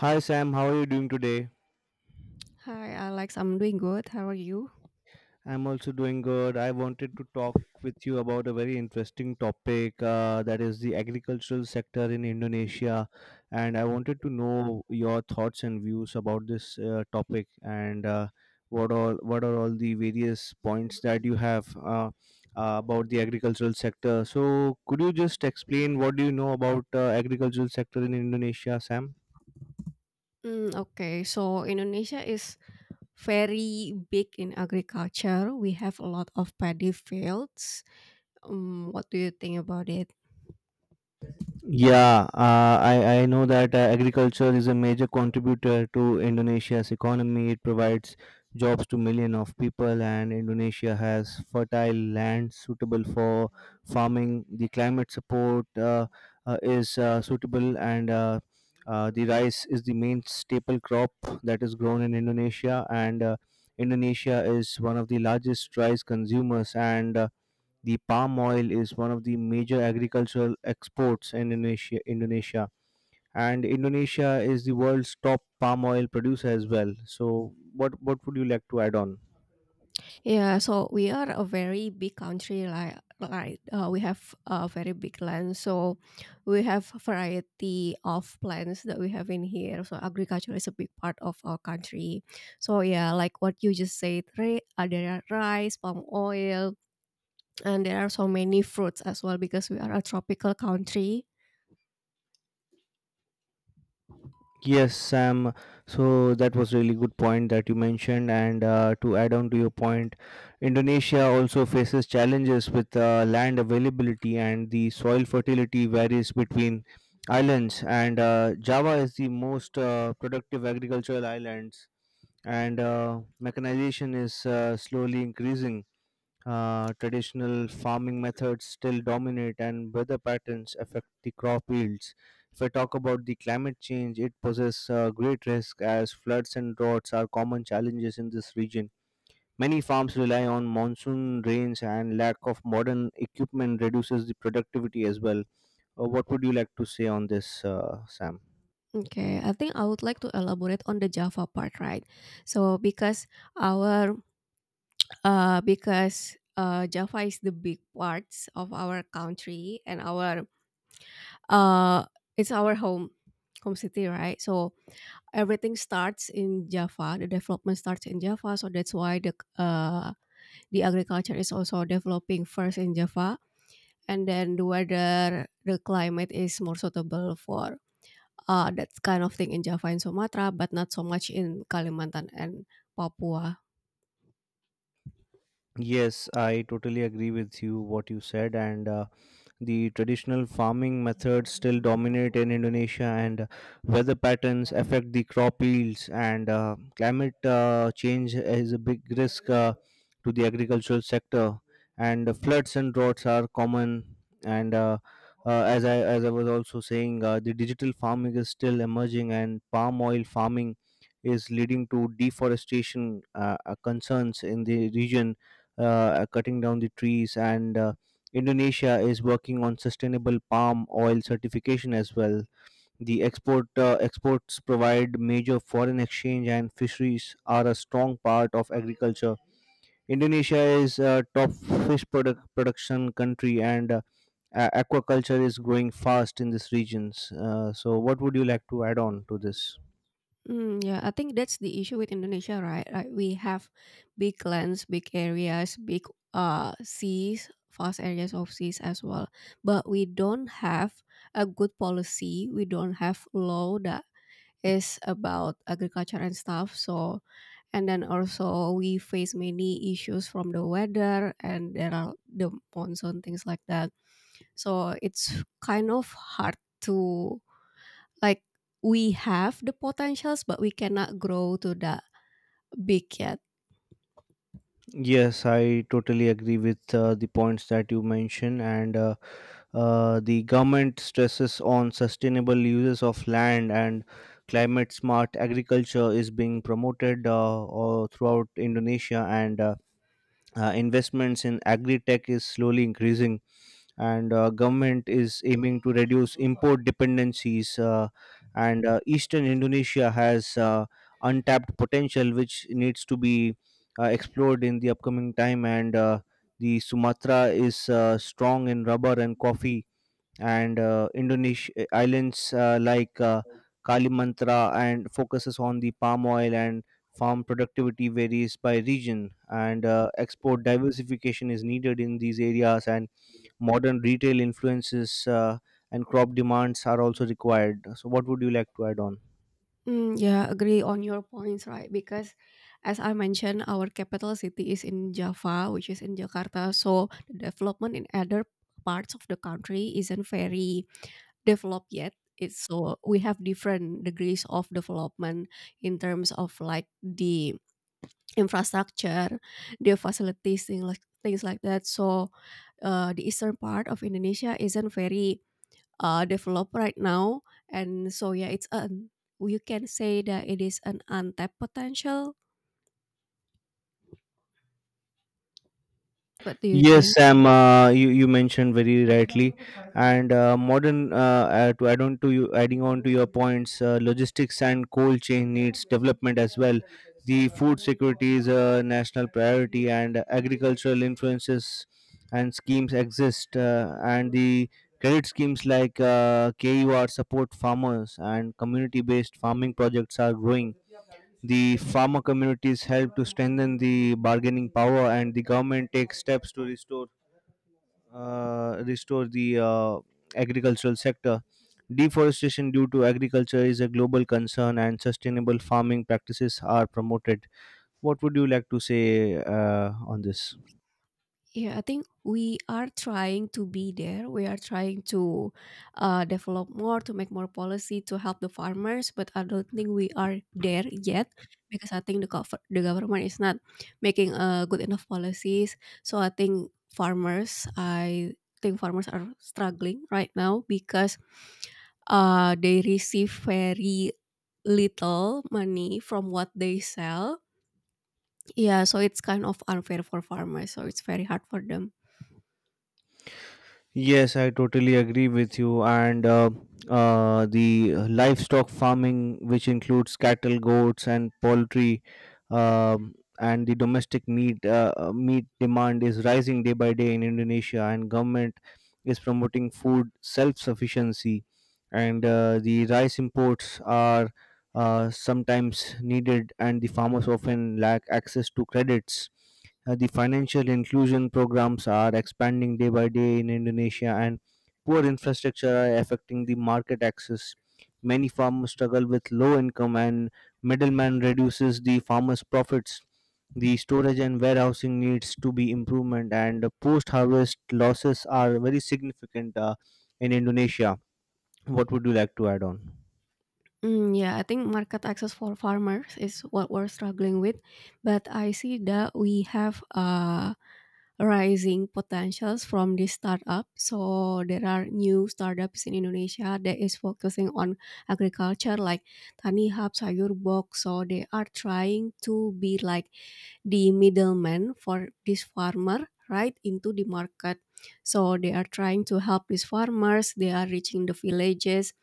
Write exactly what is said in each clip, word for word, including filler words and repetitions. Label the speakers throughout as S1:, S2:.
S1: Hi Sam, how are you doing today?
S2: Hi Alex, I'm doing good. How are you?
S1: I'm also doing good. I wanted to talk with you about a very interesting topic uh, that is the agricultural sector in Indonesia. And I wanted to know your thoughts and views about this uh, topic and uh, what all what are all the various points that you have uh, uh, about the agricultural sector. So could you just explain what do you know about uh, agricultural sector in Indonesia, Sam?
S2: Mm, okay, so Indonesia is very big in agriculture. We have a lot of paddy fields. Um, what do you think about it?
S1: Yeah, uh, I, I know that uh, agriculture is a major contributor to Indonesia's economy. It provides jobs to millions of people, and Indonesia has fertile land suitable for farming. The climate support uh, uh, is uh, suitable, and uh, uh, the rice is the main staple crop that is grown in Indonesia. And uh, Indonesia is one of the largest rice consumers, and uh, the palm oil is one of the major agricultural exports in Indonesia, Indonesia, and Indonesia is the world's top palm oil producer as well. So, what what would you like to add on?
S2: Yeah, so we are a very big country. Like, like uh, we have a very big land, so we have a variety of plants that we have in here. So agriculture is a big part of our country. So yeah, like what you just said, right? There are rice, palm oil, and there are so many fruits as well because we are a tropical country.
S1: Yes, Sam. So that was really good point that you mentioned, and uh, to add on to your point, Indonesia also faces challenges with uh, land availability, and the soil fertility varies between islands. And uh, Java is the most uh, productive agricultural islands, and uh, mechanization is uh, slowly increasing. Uh, traditional farming methods still dominate, and weather patterns affect the crop yields. If I talk about the climate change, it poses uh, great risk as floods and droughts are common challenges in this region. Many farms rely on monsoon rains, and lack of modern equipment reduces the productivity as well. Uh, what would you like to say on this, uh, Sam?
S2: Okay, I think I would like to elaborate on the Java part, right? So because our uh because uh Java is the big parts of our country and our uh it's our home home city, right? So everything starts in Java. The development starts in Java, so that's why the uh the agriculture is also developing first in Java, and then the weather, the climate is more suitable for uh, that kind of thing in Java and Sumatra, but not so much in Kalimantan and Papua.
S1: Yes, I totally agree with you what you said, and uh, the traditional farming methods still dominate in Indonesia, and weather patterns affect the crop yields, and uh, climate uh, change is a big risk uh, to the agricultural sector, and floods and droughts are common, and uh, uh, as I as I was also saying, uh, the digital farming is still emerging, and palm oil farming is leading to deforestation uh, uh, concerns in the region, uh, uh, cutting down the trees, and uh, Indonesia is working on sustainable palm oil certification as well. The export uh, exports provide major foreign exchange, and fisheries are a strong part of agriculture. Indonesia is a top fish product production country, and uh, a- aquaculture is growing fast in these regions. Uh, so what would you like to add on to this?
S2: Mm, yeah, I think that's the issue with Indonesia, right? Like we have big lands, big areas, big uh, seas, vast areas of seas as well, but we don't have a good policy. We don't have law that is about agriculture and stuff. So, and then also we face many issues from the weather and there are the monsoon things like that. So it's kind of hard to like, we have the potentials, but we cannot grow to that big yet.
S1: Yes, I totally agree with uh, the points that you mentioned, and uh, Uh, the government stresses on sustainable uses of land, and climate smart agriculture is being promoted uh, all throughout Indonesia, and uh, uh, investments in agri-tech is slowly increasing, and uh, government is aiming to reduce import dependencies, uh, and uh, eastern Indonesia has uh, untapped potential which needs to be uh, explored in the upcoming time, and uh, the Sumatra is uh, strong in rubber and coffee, and uh, Indonesia islands uh, like uh, Kalimantra, and focuses on the palm oil, and farm productivity varies by region, and uh, export diversification is needed in these areas, and modern retail influences uh, and crop demands are also required. So what would you like to add on?
S2: Mm, yeah, agree on your points, right? Because as I mentioned, our capital city is in Java, which is in Jakarta. So the development in other parts of the country isn't very developed yet. It's so we have different degrees of development in terms of like the infrastructure, the facilities, things like things like that. So uh, the eastern part of Indonesia isn't very uh, developed right now, and so yeah, it's an, you can say that it is an untapped potential. What do you
S1: Yes,
S2: think?
S1: Sam. Uh, you you mentioned very rightly, and uh, modern uh, uh, to add on to you adding on to your points, uh, logistics and cold chain needs development as well. The food security is a national priority, and agricultural influences and schemes exist, uh, and the credit schemes like uh, K U support farmers, and community-based farming projects are growing. The farmer communities help to strengthen the bargaining power, and the government takes steps to restore uh, restore the uh, agricultural sector. Deforestation due to agriculture is a global concern, and sustainable farming practices are promoted. What would you like to say uh, on this?
S2: Yeah, I think we are trying to be there. We are trying to uh, develop more, to make more policy to help the farmers, but I don't think we are there yet because I think the gov- the government is not making uh, good enough policies. So I think farmers, I think farmers are struggling right now because uh, they receive very little money from what they sell. Yeah, so it's kind of unfair for farmers. So it's very hard for them.
S1: Yes, I totally agree with you. And uh, uh, the livestock farming, which includes cattle, goats, and poultry, um, and the domestic meat uh, uh, meat demand is rising day by day in Indonesia. And government is promoting food self sufficiency, and uh, the rice imports are uh, sometimes needed, and the farmers often lack access to credits. Uh, the financial inclusion programs are expanding day by day in Indonesia, and poor infrastructure are affecting the market access. Many farmers struggle with low income, and middleman reduces the farmers' profits. The storage and warehousing needs to be improvement, and post-harvest losses are very significant uh, in Indonesia. What would you like to add on?
S2: Mm, yeah, I think market access for farmers is what we're struggling with, but I see that we have uh, rising potentials from this startup. So there are new startups in Indonesia that is focusing on agriculture, like Tani Hub, Sayur Box. So they are trying to be like the middleman for this farmer right into the market. So they are trying to help these farmers. They are reaching the villages,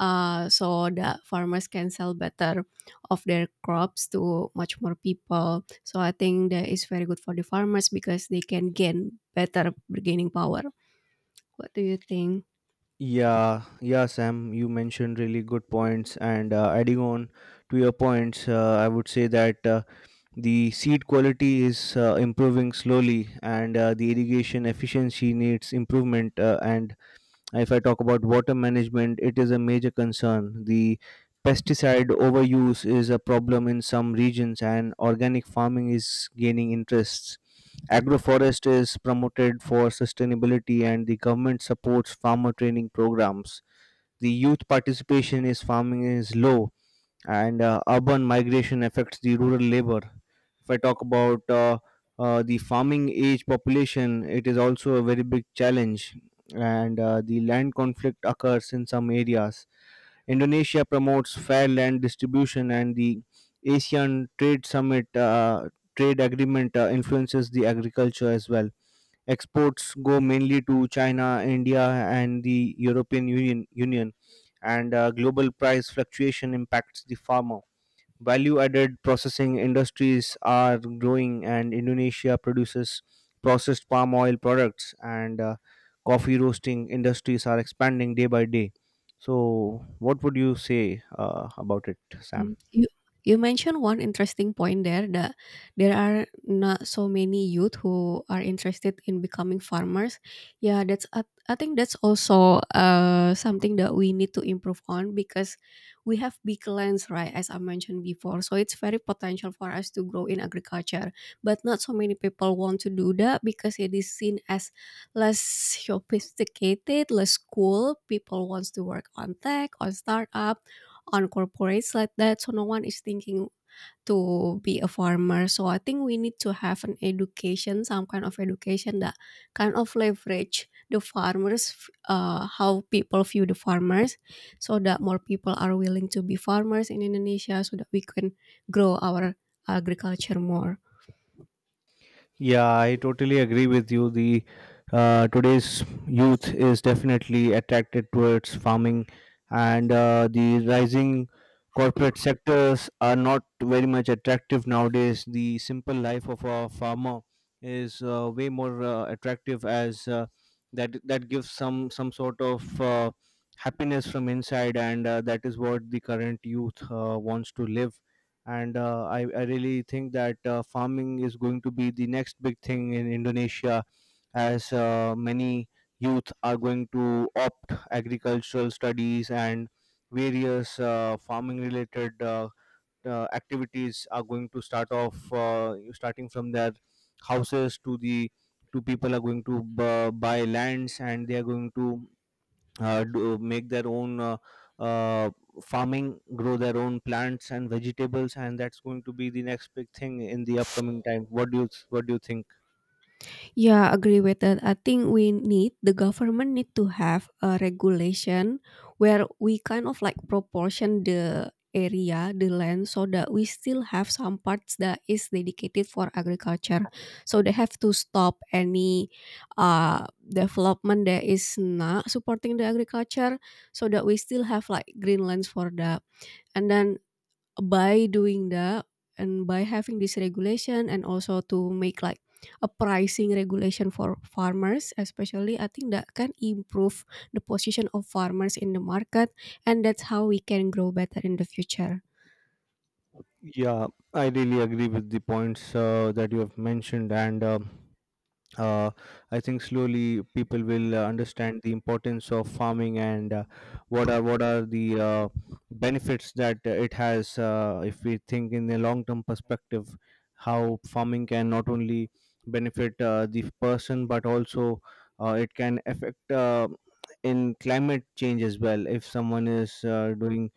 S2: uh, so the farmers can sell better of their crops to much more people. So I think that is very good for the farmers because they can gain better bargaining power. What do you think?
S1: Yeah, yeah, Sam, you mentioned really good points, and uh, adding on to your points, uh, I would say that. Uh, the seed quality is uh, improving slowly, and uh, the irrigation efficiency needs improvement, uh, and if I talk about water management, it is a major concern. The pesticide overuse is a problem in some regions, and organic farming is gaining interests. Agroforest is promoted for sustainability, and the government supports farmer training programs. The youth participation in farming is low, and uh, urban migration affects the rural labor. If I talk about uh, uh, the farming age population, it is also a very big challenge, and uh, the land conflict occurs in some areas. Indonesia promotes fair land distribution, and the ASEAN Trade Summit uh, trade agreement uh, influences the agriculture as well. Exports go mainly to China, India, and the European Union, Union and uh, global price fluctuation impacts the farmer. Value added processing industries are growing, and Indonesia produces processed palm oil products, and uh, coffee roasting industries are expanding day by day. So, what would you say uh, about it, Sam?
S2: Mm, You you mentioned one interesting point there that there are not so many youth who are interested in becoming farmers. Yeah, that's I, I think that's also uh something that we need to improve on because we have big lands, right? As I mentioned before, so it's very potential for us to grow in agriculture, but not so many people want to do that because it is seen as less sophisticated, less cool. People wants to work on tech, on startup on corporates like that, so no one is thinking to be a farmer. So I think we need to have an education, some kind of education that kind of leverage the farmers, uh, how people view the farmers, so that more people are willing to be farmers in Indonesia, so that we can grow our agriculture more.
S1: Yeah, I totally agree with you. The uh, today's youth is definitely attracted towards farming, and uh, the rising corporate sectors are not very much attractive nowadays. The simple life of a farmer is uh, way more uh, attractive, as uh, that that gives some some sort of uh, happiness from inside, and uh, that is what the current youth uh, wants to live. And uh, I, I really think that uh, farming is going to be the next big thing in Indonesia, as uh, many youth are going to opt agricultural studies, and various uh, farming related uh, uh, activities are going to start off uh, starting from their houses to the to people are going to b- buy lands, and they are going to uh, do, make their own uh, uh, farming, grow their own plants and vegetables, and that's going to be the next big thing in the upcoming time. What do you What do you think?
S2: Yeah, agree with that. I think we need the government need to have a regulation where we kind of like proportion the area, the land, so that we still have some parts that is dedicated for agriculture. So they have to stop any uh development that is not supporting the agriculture, so that we still have like green lands for that. And then by doing that and by having this regulation and also to make like a pricing regulation for farmers especially, I think that can improve the position of farmers in the market, and that's how we can grow better in the future.
S1: Yeah, I really agree with the points uh, that you have mentioned, and. um uh, I think slowly people will uh, understand the importance of farming, and uh, what are what are the uh, benefits that uh, it has. Uh, if we think in a long term perspective, how farming can not only benefit uh, the person, but also uh, it can affect uh, in climate change as well. If someone is uh, doing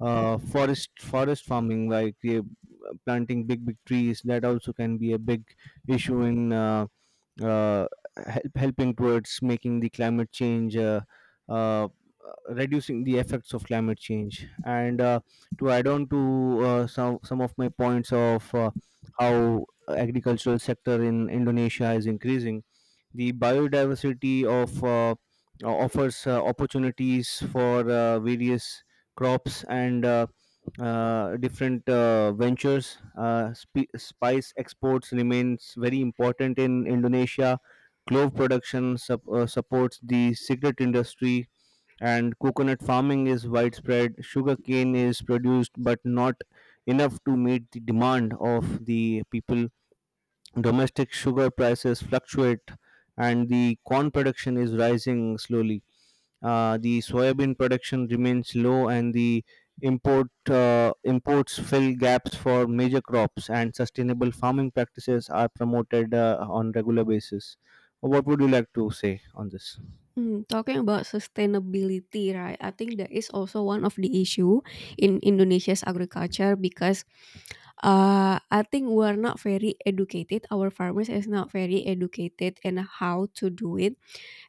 S1: uh, forest forest farming, like uh, planting big big trees, that also can be a big issue in. Uh, uh, help, helping towards making the climate change uh, uh, reducing the effects of climate change. And uh, to add on to uh, some some of my points of uh, how agricultural sector in Indonesia is increasing the biodiversity of uh, offers uh, opportunities for uh, various crops, and uh, uh, different uh, ventures. Uh, sp- spice exports remains very important in Indonesia. Clove production sup- uh, supports the cigarette industry, and coconut farming is widespread. Sugarcane is produced, but not enough to meet the demand of the people. Domestic sugar prices fluctuate, and the corn production is rising slowly. Uh, the soybean production remains low, and the import uh, imports fill gaps for major crops. And sustainable farming practices are promoted uh, on regular basis. What would you like to say on this?
S2: Mm, talking about sustainability, right? I think that is also one of the issue in Indonesia's agriculture because uh, I think we're not very educated. Our farmers is not very educated in how to do it,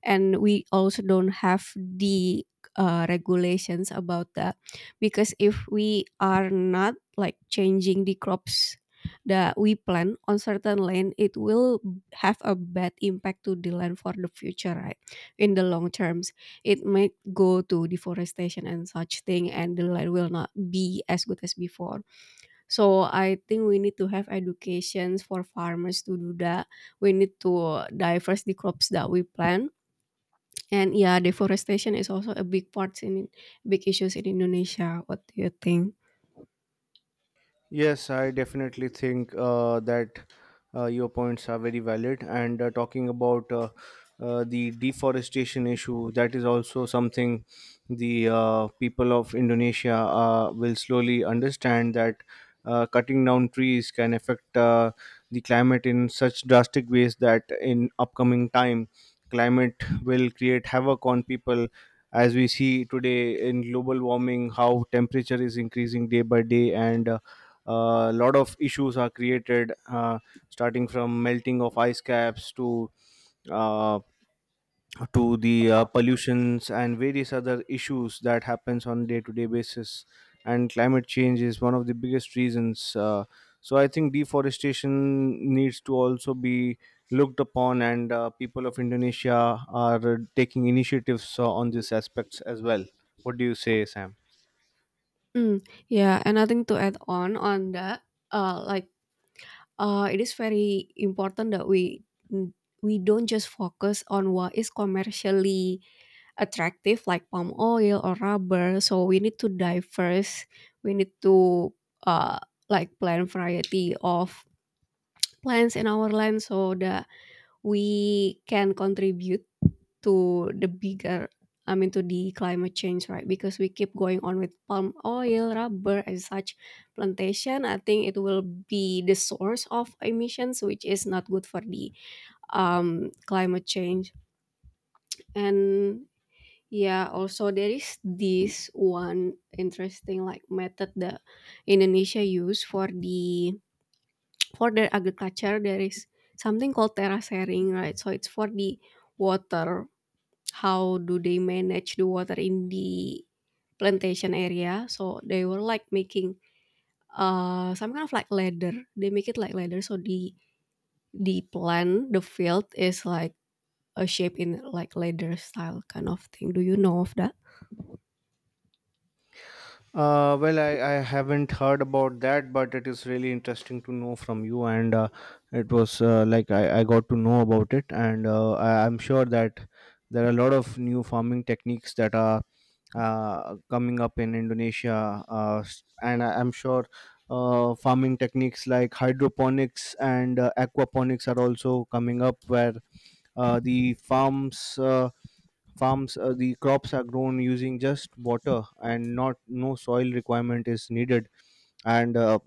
S2: and we also don't have the uh, regulations about that because if we are not like changing the crops that we plant on certain land, it will have a bad impact to the land for the future, right? In the long terms it might go to deforestation and such thing, and the land will not be as good as before. So I think we need to have educations for farmers to do that. We need to diverse the crops that we plant. And yeah, deforestation is also a big part in big issues in Indonesia. What do you think?
S1: Yes, I definitely think uh, that uh, your points are very valid. And uh, talking about uh, uh, the deforestation issue, that is also something the uh, people of Indonesia uh, will slowly understand that uh, cutting down trees can affect uh, the climate in such drastic ways, that in upcoming time, climate will create havoc on people. As we see today in global warming, how temperature is increasing day by day, and uh, a lot of issues are created, uh, starting from melting of ice caps to uh, to the uh, pollutions and various other issues that happens on day to day basis. And climate change is one of the biggest reasons, uh, so I think deforestation needs to also be looked upon, and uh, people of Indonesia are taking initiatives uh, on these aspects as well. What do you say, Sam?
S2: Mm, yeah, and I think to add on on that, uh, like uh, it is very important that we mm, we don't just focus on what is commercially attractive like palm oil or rubber. So we need to diverse. We need to uh, like plant variety of plants in our land so that we can contribute to the bigger, I mean to the climate change, right? Because we keep going on with palm oil, rubber, and such plantation. I think it will be the source of emissions, which is not good for the um, climate change. And yeah, also there is this one interesting like method that Indonesia use for the for the agriculture. There is something called terra sharing, right? So it's for the water, how do they manage the water in the plantation area. So they were like making uh, some kind of like ladder. They make it like ladder. So the the plant, the field is like a shape in like ladder style kind of thing. Do you know of that?
S1: Uh, well, I, I haven't heard about that, but it is really interesting to know from you. And uh, it was uh, like I, I got to know about it, and uh, I, I'm sure that there are a lot of new farming techniques that are uh, coming up in Indonesia, uh, s- and I- I'm sure uh, farming techniques like hydroponics and uh, aquaponics are also coming up, where uh, the farms uh, farms uh, the crops are grown using just water, and not no soil requirement is needed. And uh,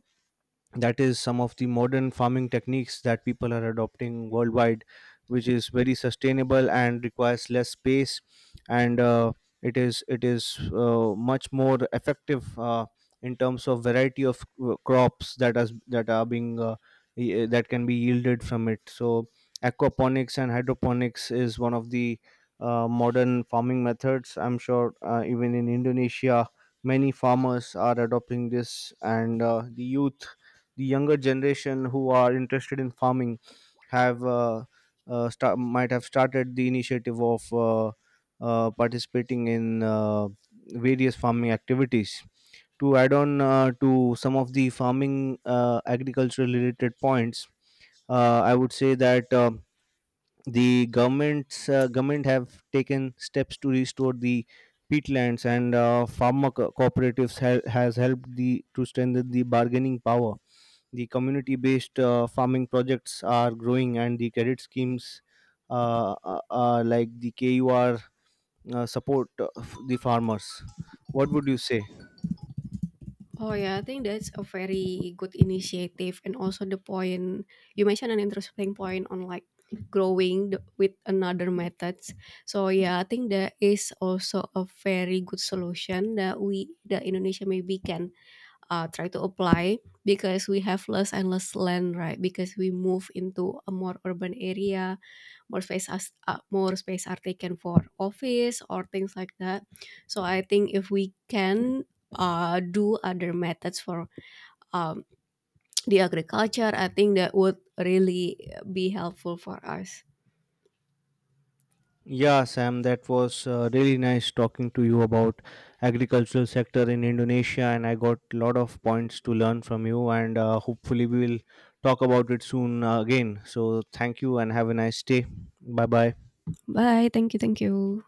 S1: that is some of the modern farming techniques that people are adopting worldwide, which is very sustainable and requires less space. And uh, it is it is uh, much more effective uh, in terms of variety of uh, crops that as that are being uh, y- uh, that can be yielded from it. So aquaponics and hydroponics is one of the uh, modern farming methods. I'm sure uh, even in Indonesia many farmers are adopting this, and uh, the youth, the younger generation who are interested in farming have uh, uh, sta- might have started the initiative of uh, uh, participating in uh, various farming activities. To add on uh, to some of the farming uh, agricultural related points, uh, I would say that, um the government's uh, government have taken steps to restore the peatlands, and uh, farmer co- cooperatives ha- has helped the to strengthen the bargaining power. The community based uh, farming projects are growing, and the credit schemes uh, uh, uh, like the K U R uh, support uh, f- the farmers. What would you say?
S2: Oh yeah, I think that's a very good initiative, and also the point you mentioned an interesting point on like growing the, with another methods. So yeah, I think that is also a very good solution that we that Indonesia maybe can uh, try to apply because we have less and less land, right? Because we move into a more urban area, more space as uh, more space are taken for office or things like that, so I think if we can uh, do other methods for um, the agriculture, I think that would really be helpful for us.
S1: Yeah, Sam, that was uh, really nice talking to you about agricultural sector in Indonesia, and I got a lot of points to learn from you, and uh, hopefully we will talk about it soon uh, again. So thank you and have a nice day. Bye bye.
S2: Bye, thank you, thank you.